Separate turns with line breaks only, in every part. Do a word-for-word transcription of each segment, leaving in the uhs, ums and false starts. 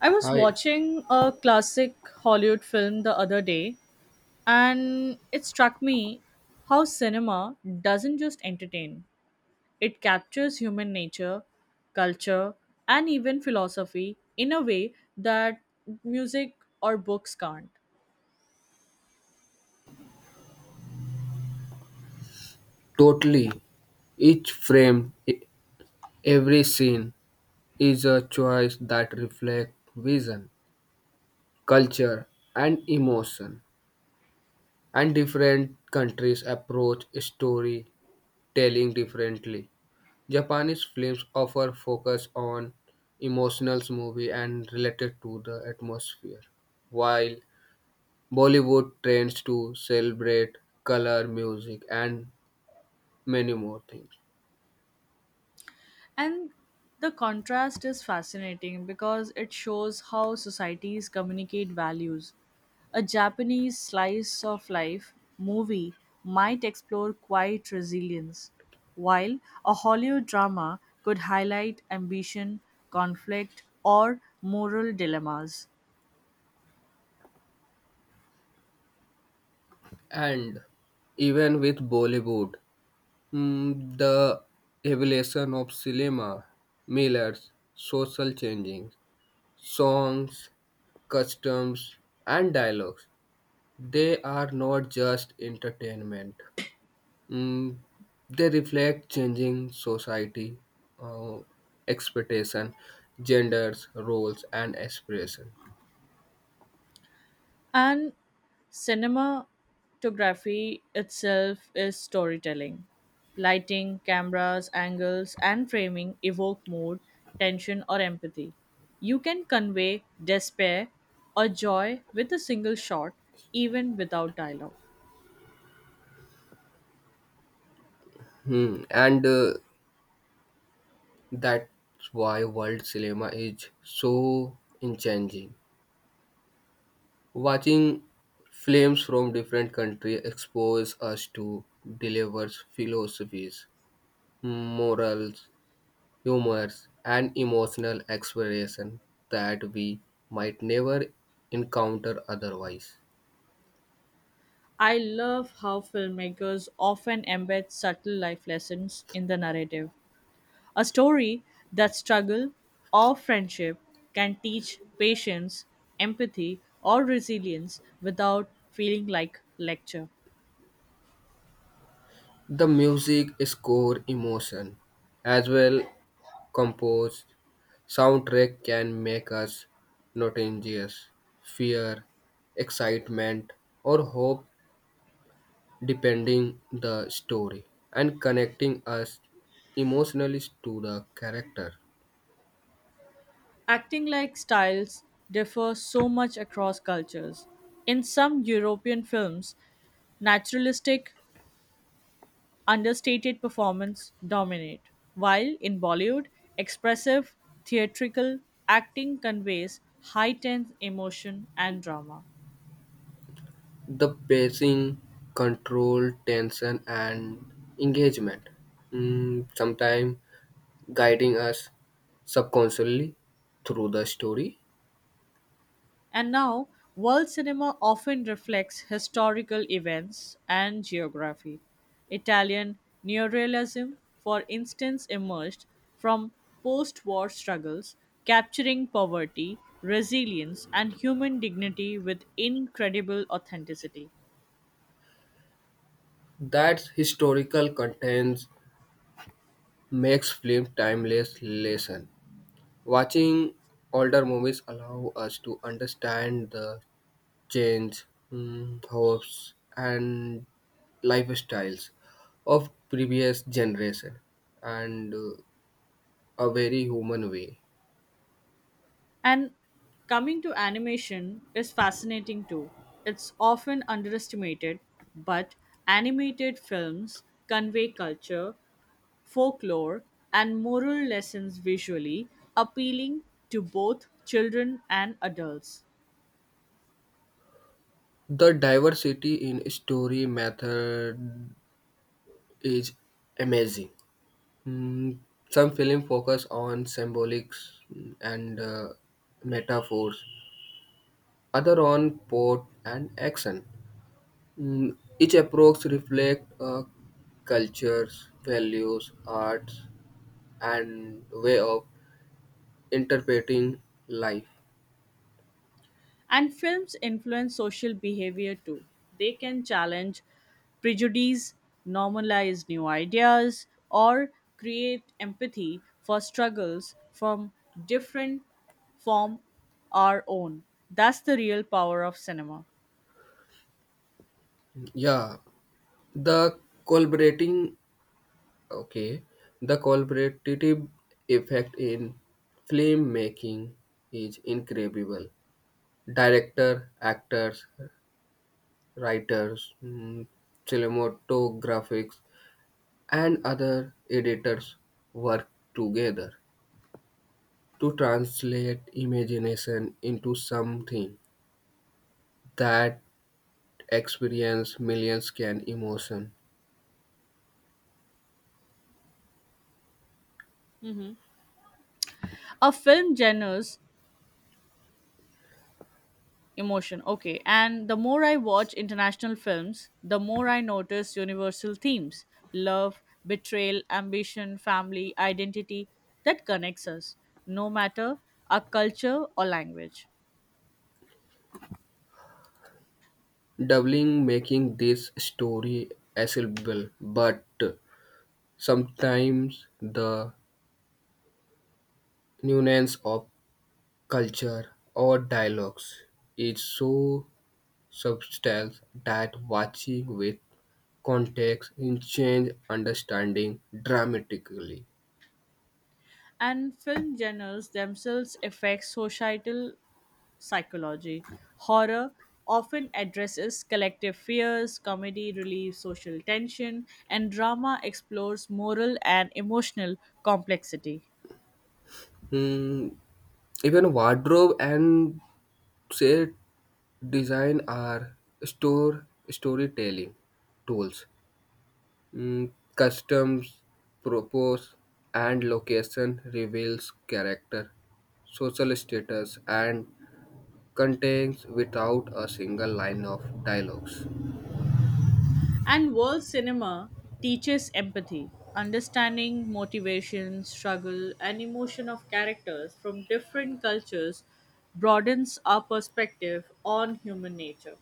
I was
I
watching a classic Hollywood film the other day, and it struck me how cinema doesn't just entertain, it captures human nature, culture, and even philosophy in a way that music or books can't.
totally. Each frame, e- every scene is a choice that reflects vision, culture, and emotion. And different countries approach storytelling differently. Japanese films offer focus on emotional movie and related to the atmosphere, while Bollywood trends to celebrate color, music, and many more things.
And the contrast is fascinating because it shows how societies communicate values. A Japanese slice of life movie might explore quiet resilience, while a Hollywood drama could highlight ambition, conflict, or moral dilemmas.
And even with Bollywood, mm, the evolution of cinema, millers, social changing, songs, customs, and dialogues, they are not just entertainment. Mm, they reflect changing society, uh, expectation, genders, roles, and aspiration.
And cinematography itself is storytelling. Lighting, cameras, angles, and framing evoke mood, tension, or empathy. You can convey despair or joy with a single shot, even without dialogue.
Hmm. And uh, that's why world cinema is so enchanting. Watching films from different countries expose us to delivers philosophies, morals, humors, and emotional expression that we might never encounter otherwise.
I love how filmmakers often embed subtle life lessons in the narrative, A story that struggle or friendship can teach patience, empathy, or resilience without feeling like lecture.
The music score emotion as well composed soundtrack can make us notorious fear, excitement, or hope depending the story and connecting us emotionally to the character.
Acting like styles differ so much across cultures. In some European films, naturalistic, understated performance dominate, while in Bollywood, expressive, theatrical acting conveys heightened emotion and drama.
The pacing, control, tension, and engagement, mm, sometimes guiding us subconsciously through the story.
And now, world cinema often reflects historical events and geography. Italian neorealism, for instance, emerged from post war struggles, capturing poverty, resilience, and human dignity with incredible authenticity.
That historical contents makes film timeless lesson. Watching older movies allow us to understand the change, mm, hopes, and lifestyles of previous generation and uh, a very human way.
And coming to animation is fascinating too. It's often underestimated, but animated films convey culture, folklore, and moral lessons visually, appealing to both children and adults.
The diversity in story method is amazing. Mm, some film focus on symbolics mm, and uh, metaphors, other on plot and action. Mm, each approach reflects uh, cultures, values, arts, and way of interpreting life.
And films influence social behavior too. They can challenge prejudice, normalize new ideas, or create empathy for struggles from different from our own. That's the real power of cinema.
Yeah, the collaborating, okay, the collaborative effect in film making is incredible. Director, actors, writers, mm, cinematographers, and other editors work together to translate imagination into something that experience millions can emotion
Mhm. A film genres emotion, okay, and the more i watch international films, the more i notice universal themes, love, betrayal, ambition, family, identity, that connects us no matter our culture or language.
doubling making this story accessible, but sometimes the nuance of culture or dialogues is so subtle that watching with context in change understanding dramatically.
And film genres themselves affect societal psychology. Horror often addresses collective fears, comedy relieves social tension, and drama explores moral and emotional complexity.
Hmm, even wardrobe and set design are store storytelling tools. Mm, customs, propose, and location reveals character, social status, and contains without a single line of dialogues.
And world cinema teaches empathy, understanding motivation, struggle, and emotion of characters from different cultures broadens our perspective on human nature.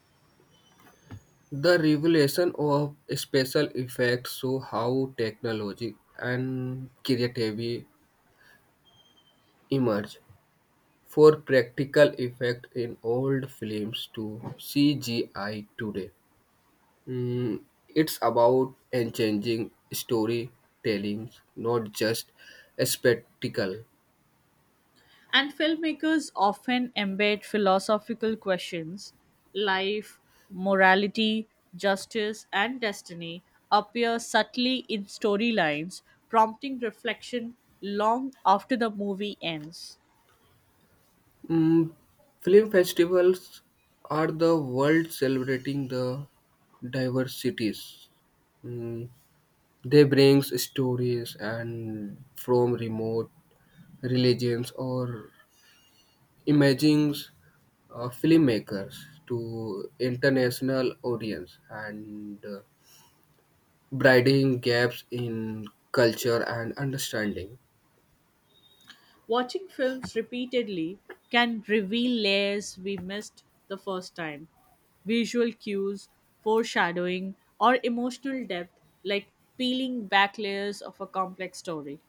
The revelation of special effects show how technology and creativity emerge. For practical effect in old films to C G I today. Mm, it's about changing storytelling, not just a spectacle.
And filmmakers often embed philosophical questions life, morality, justice, and destiny appear subtly in storylines, prompting reflection long after the movie ends.
Mm, film festivals are the world celebrating the diversities. Mm, they brings stories and from remote religions or imagings uh, filmmakers to international audience and uh, bridging gaps in culture and understanding.
Watching films repeatedly can reveal layers we missed the first time. Visual cues, foreshadowing, or emotional depth, like peeling back layers of a complex story.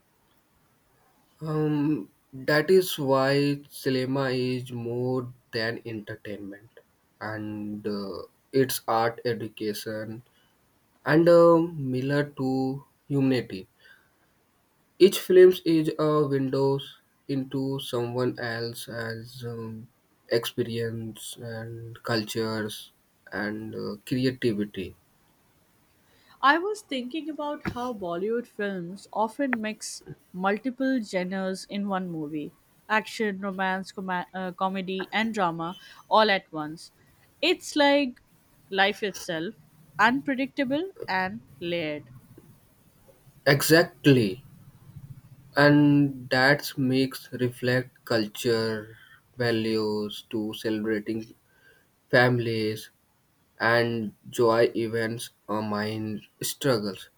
Um, that is why cinema is more than entertainment, and uh, it's art education and a mirror to humanity. Each film is a window into someone else's um, experience and cultures and uh, creativity.
I was thinking about how Bollywood films often mix multiple genres in one movie action, romance, com- uh, comedy, and drama all at once. It's like life itself, unpredictable and layered.
Exactly, and that makes reflect culture values to celebrating families and joy events or mind struggles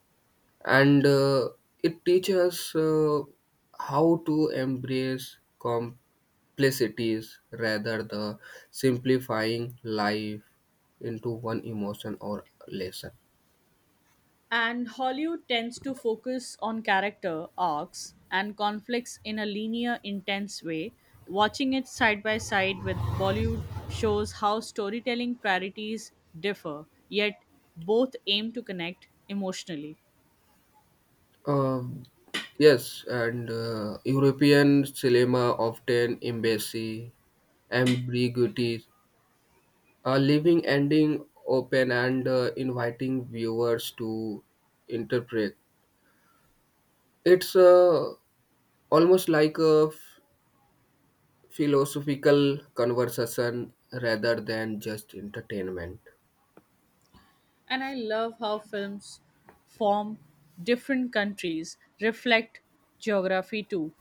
and uh, it teaches uh, how to embrace complexities rather than simplifying life into one emotion or lesson.
And Hollywood tends to focus on character arcs and conflicts in a linear, intense way. Watching it side by side with Bollywood shows how storytelling priorities differ, yet both aim to connect emotionally.
Um, yes, and uh, European cinema often embassy ambiguities, a leaving ending open and uh, inviting viewers to interpret. It's uh, almost like a f- philosophical conversation rather than just entertainment.
and I love how films form different countries reflect geography too.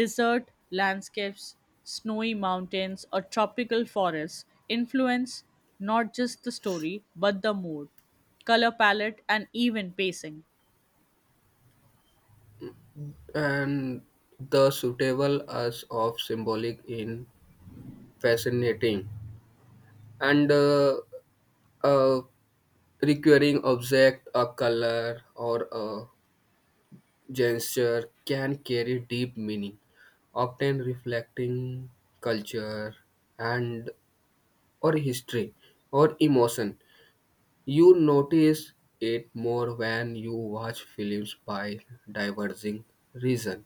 Desert landscapes, snowy mountains, or tropical forests influence not just the story but the mood, color palette, and even pacing.
And the suitable as of symbolic in fascinating and uh, a recurring object, a color, or a gesture can carry deep meaning, often reflecting culture and or history or emotion. You notice it more when you watch films by diverging reason.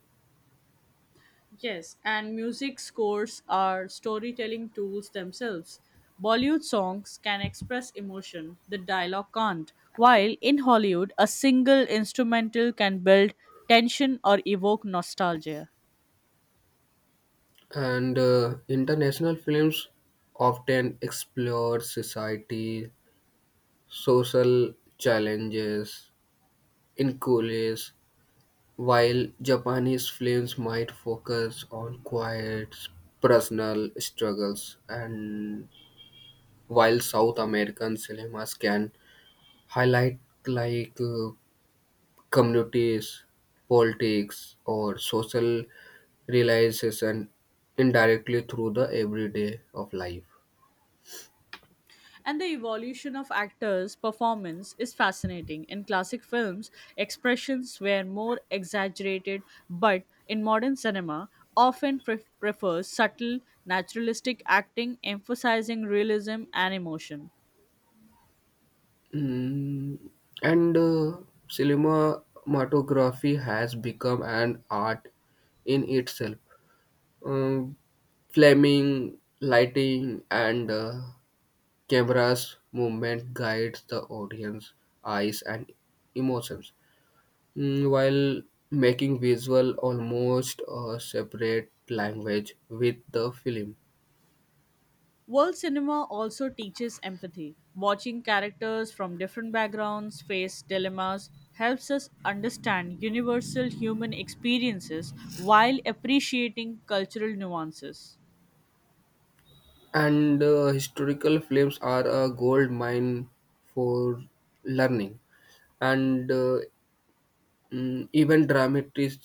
Yes, and music scores are storytelling tools themselves. Bollywood songs can express emotion, the dialogue can't. While in Hollywood, a single instrumental can build tension or evoke nostalgia.
And uh, international films often explore society, social challenges, inequalities, while Japanese films might focus on quiet, personal struggles, and while South American cinemas can highlight like uh, communities, politics, or social realization indirectly through the everyday of life.
And the evolution of actors' performance is fascinating. In classic films, expressions were more exaggerated, but in modern cinema, often pre- prefers subtle, naturalistic acting emphasizing realism and emotion.
Mm, and uh, cinematography has become an art in itself, um, flaming lighting and uh, cameras movement guides the audience eyes and emotions. Mm, while making visual almost a separate language with the film.
World cinema also teaches empathy. Watching characters from different backgrounds face dilemmas helps us understand universal human experiences while appreciating cultural nuances.
And uh, historical films are a gold mine for learning and uh, mm, even dramatic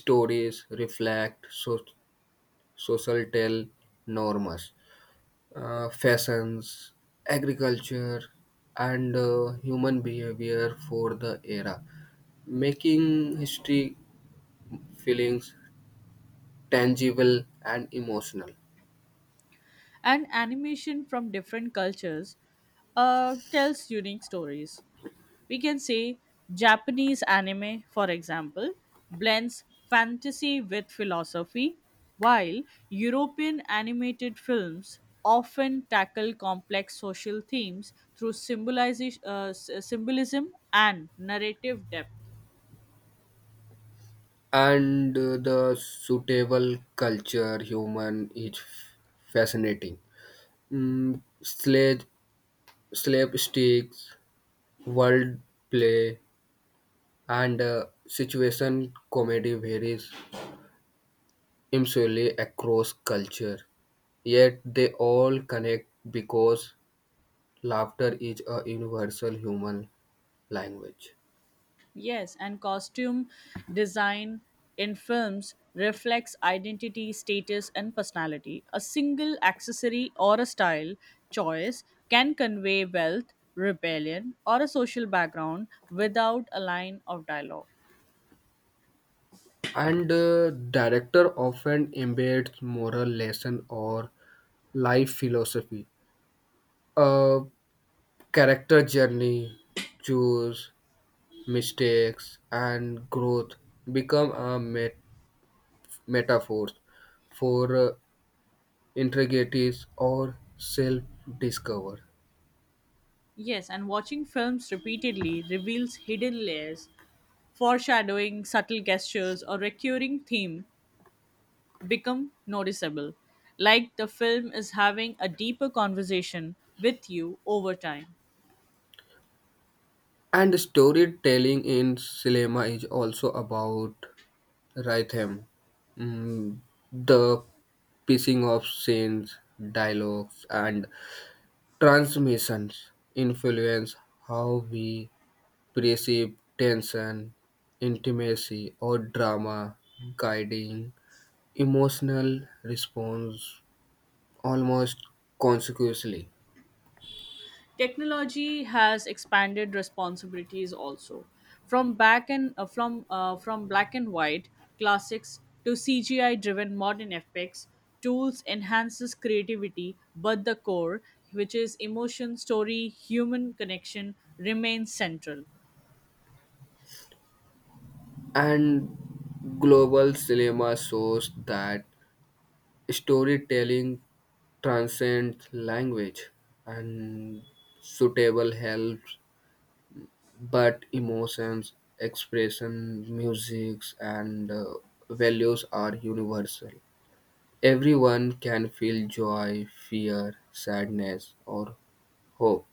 stories reflect so- social tell norms, uh, fashions, agriculture, and uh, human behavior for the era, making history feelings tangible and emotional.
And animation from different cultures uh, tells unique stories. We can say Japanese anime, for example, blends fantasy with philosophy, while European animated films often tackle complex social themes through symbolizi- uh, s- symbolism and narrative depth.
And uh, the suitable culture human is fascinating. Mm, slave, slave sticks, world play, and uh, situation comedy varies insularly across culture, yet they all connect because laughter is a universal human language.
Yes, and costume design in films reflects identity, status, and personality. A single accessory or a style choice can convey wealth, rebellion, or a social background without a line of dialogue.
And uh, director often embeds moral lesson or life philosophy, a character journey, choose mistakes and growth become a met- metaphor for uh, integrities or self-discover.
Yes, and watching films repeatedly reveals hidden layers, foreshadowing subtle gestures or recurring theme become noticeable, like the film is having a deeper conversation with you over time.
And storytelling in cinema is also about rhythm, mm, the pacing of scenes, dialogues, and transmissions influence how we perceive tension, intimacy, or drama, guiding emotional response almost consequently.
technology has expanded responsibilities also, from back and uh, from uh, from black and white classics to C G I driven modern epics. Tools enhances creativity, but the core, which is emotion, story, human connection, remains central.
And global cinema shows that storytelling transcend language and suitable help but emotions expression musics and uh, values are universal. Everyone can feel joy, fear, sadness or hope.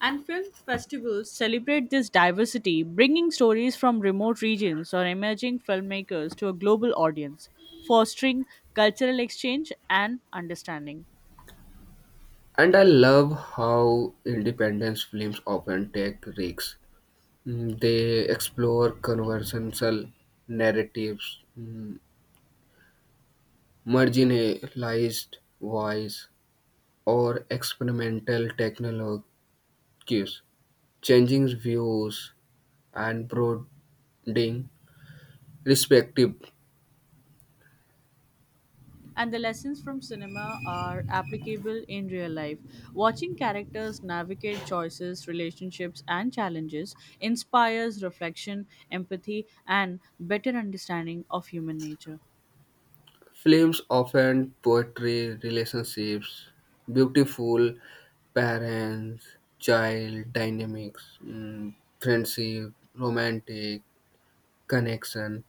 And film festivals celebrate this diversity, bringing stories from remote regions or emerging filmmakers to a global audience, fostering cultural exchange and understanding.
And I love how independence films often take risks. Mm, they explore conventional narratives, mm, marginalized voice or experimental technologies, changing views and broadening perspective.
and the lessons from cinema are applicable in real life. Watching characters navigate choices, relationships, and challenges inspires reflection, empathy, and better understanding of human nature.
Films often portray relationships, beautiful parents, child dynamics, mm, friendship, romantic connection,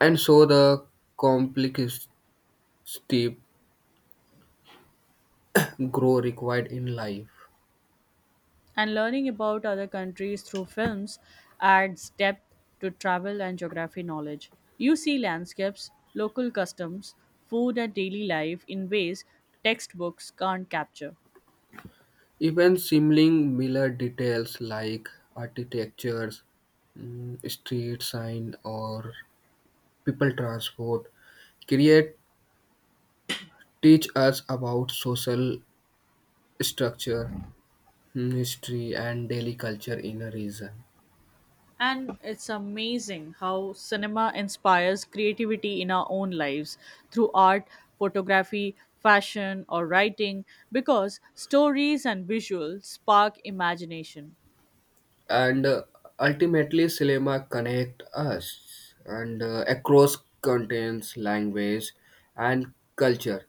and so the complexity grow required in life.
And learning about other countries through films adds depth to travel and geography knowledge. You see landscapes, local customs, food, and daily life in ways textbooks can't capture.
Even simling Miller details like architectures, mm, street sign, or people transport create teach us about social structure, mm, history, and daily culture in a region.
And it's amazing how cinema inspires creativity in our own lives through art, photography, fashion, or writing because stories and visuals spark imagination.
and uh, ultimately cinema connect us and uh, across continents, language and culture.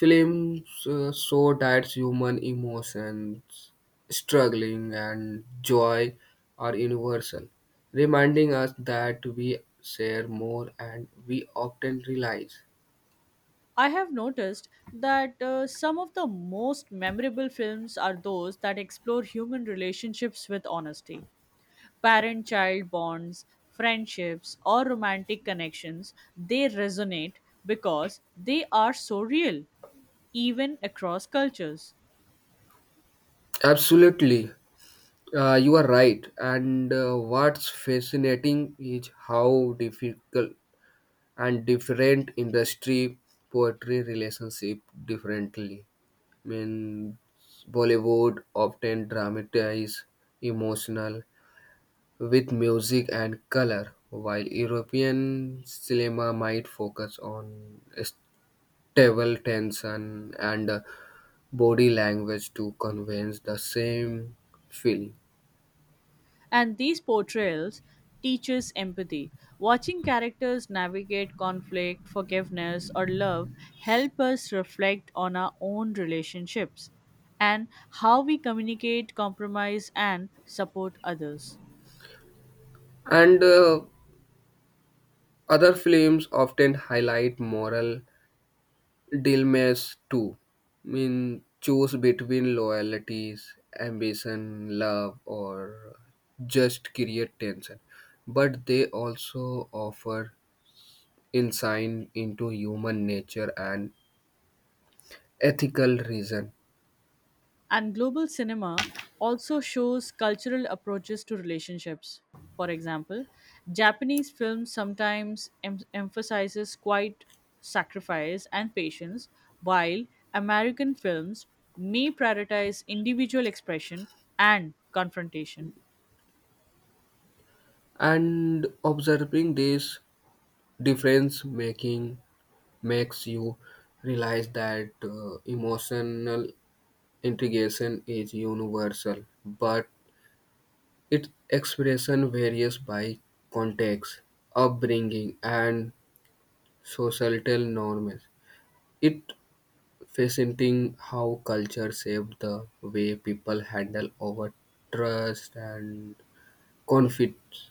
Films uh, show that human emotions, struggling and joy, are universal, reminding us that we share more and we often realize.
I have noticed that uh, some of the most memorable films are those that explore human relationships with honesty. Parent child bonds, friendships, or romantic connections, they resonate because they are so real even across cultures.
Absolutely. Uh, you are right. And uh, what's fascinating is how difficult and different industry poetry relationship differently. Means Bollywood often dramatize emotional with music and color, while European cinema might focus on stable tension and uh, body language to convey the same feeling.
And these portrayals teach us empathy. Watching characters navigate conflict, forgiveness, or love help us reflect on our own relationships and how we communicate, compromise, and support others.
And uh, other films often highlight moral Dilmes too. Mean, choose between loyalties, ambition, love, or just create tension. But they also offer insight into human nature and ethical reason.
And global cinema also shows cultural approaches to relationships. For example, Japanese film sometimes em- emphasizes quiet sacrifice and patience, while American films may prioritize individual expression and confrontation.
And observing this difference making makes you realize that uh, emotional integration is universal, but its expression varies by context, upbringing, and societal norms. It's fascinating how culture shapes the way people handle over trust and conflicts.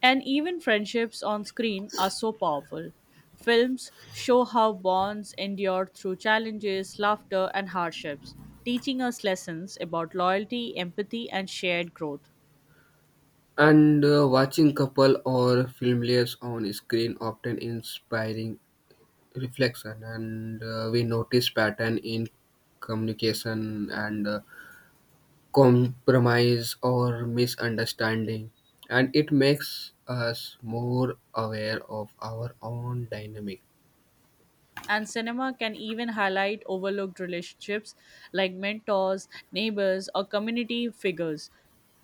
And even friendships on screen are so powerful. Films show how bonds endure through challenges, laughter, and hardships, teaching us lessons about loyalty, empathy, and shared growth.
And uh, watching couple or familiars on screen often inspiring reflection, and uh, we notice pattern in communication and uh, compromise or misunderstanding, and it makes us more aware of our own dynamic.
And cinema can even highlight overlooked relationships like mentors, neighbors, or community figures,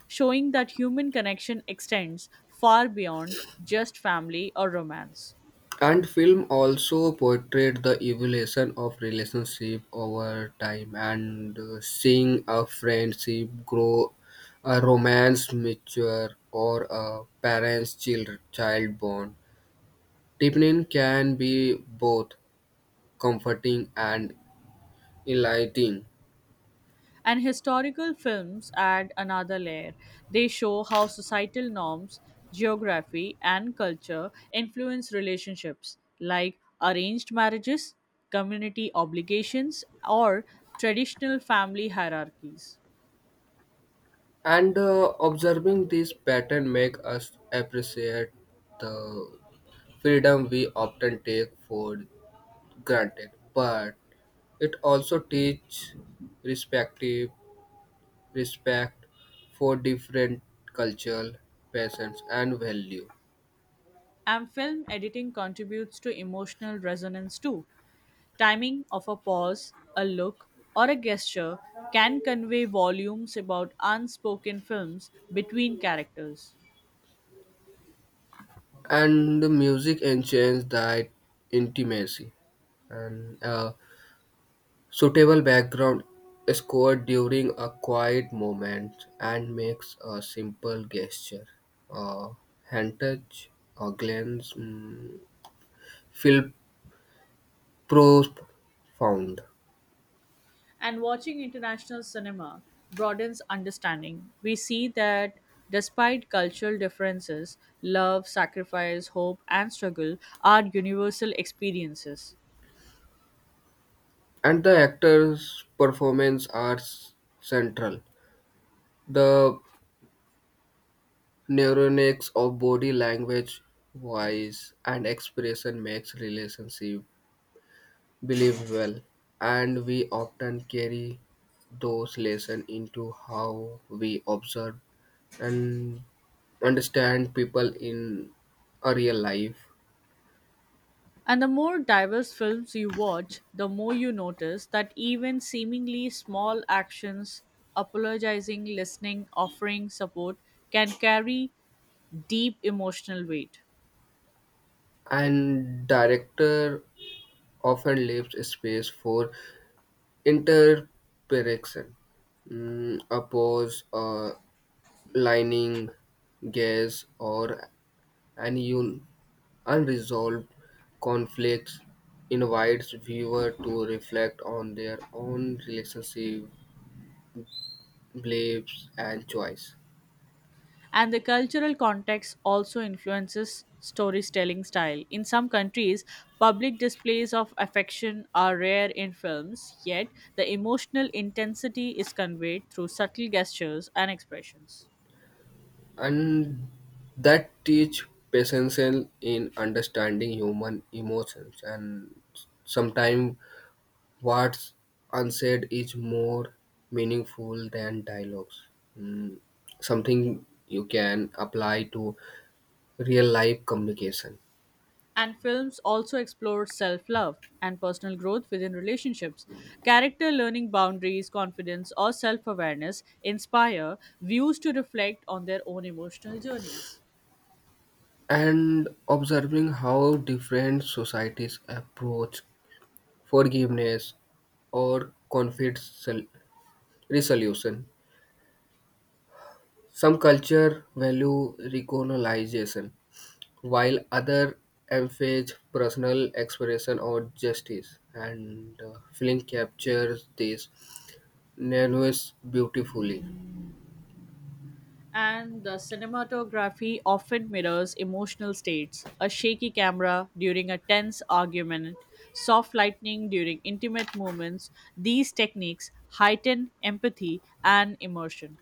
showing that human connection extends far beyond just family or romance.
And film also portrayed the evolution of relationship over time and uh, seeing a friendship grow, a romance mature, or a parent's child, child bond. Deepening can be both comforting and enlightening.
And historical films add another layer. They show how societal norms, geography, and culture influence relationships, like arranged marriages, community obligations, or traditional family hierarchies.
and uh, observing this pattern make us appreciate the freedom we often take for granted, but it also teach respective respect for different cultural passions and value.
And film editing contributes to emotional resonance too. Timing of a pause, a look, or a gesture can convey volumes about unspoken films between characters.
And the music enhances that intimacy and uh, suitable background scored during a quiet moment and makes a simple gesture. A hand touch, a glance, mm, feel profound.
And watching international cinema broadens understanding. We see that despite cultural differences, love, sacrifice, hope, and struggle are universal experiences.
And the actor's performance are s- central. The neuronics of body language, voice, and expression makes relationship believable, and we often carry those lessons into how we observe and understand people in a real life.
And the more diverse films you watch, the more you notice that even seemingly small actions, apologizing, listening, offering support, can carry deep emotional weight.
And director often leaves space for interpretation, mm, a pause, a lining, guess, or an unresolved conflicts invites viewer to reflect on their own relationship, beliefs, and choice,
And the cultural context also influences storytelling style. In some countries, public displays of affection are rare in films, yet the emotional intensity is conveyed through subtle gestures and expressions.
and that teach patience in understanding human emotions. And sometimes what's unsaid is more meaningful than dialogues. Mm, something you can apply to real life communication.
And films also explore self love and personal growth within relationships. Character learning boundaries, confidence, or self awareness inspire views to reflect on their own emotional journeys.
And observing how different societies approach forgiveness or conflict sol- resolution. Some culture value reconciliation, while other emphasize personal expression or justice, and uh, film captures this nuance beautifully.
and the cinematography often mirrors emotional states. A shaky camera during a tense argument, soft lightning during intimate moments, these techniques heighten empathy and immersion.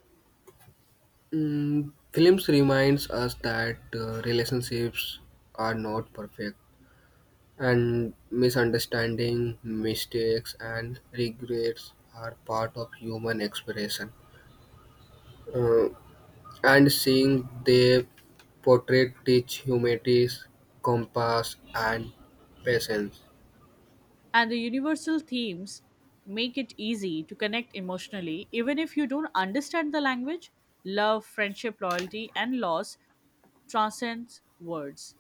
Mm, films reminds us that uh, relationships are not perfect. And misunderstanding, mistakes, and regrets are part of human expression. Uh, and seeing they portray teach humanities, compass, and patience.
And the universal themes make it easy to connect emotionally, even if you don't understand the language. Love, friendship, loyalty, and loss transcends words.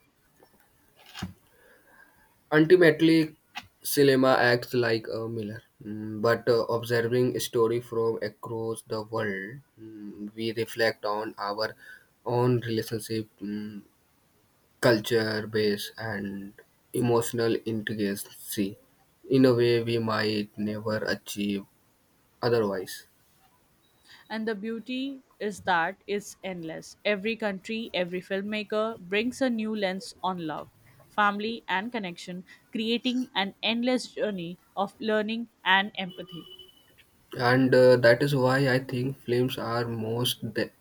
Ultimately, cinema acts like a mirror. Mm, But uh, observing story from across the world, mm, we reflect on our own relationship, mm, culture base and emotional intricacy in a way we might never achieve otherwise.
And the beauty is that it's endless. Every country, every filmmaker brings a new lens on love, family, and connection, creating an endless journey of learning and empathy.
And uh, that is why I think films are most th-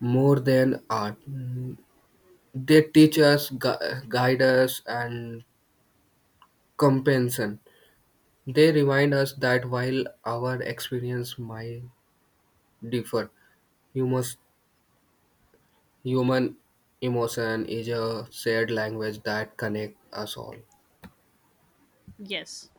more than art. Mm, they teach us, gu- guide us and compensation. They remind us that while our experience might differ, humus- human emotion is a shared language that connects us all.
Yes.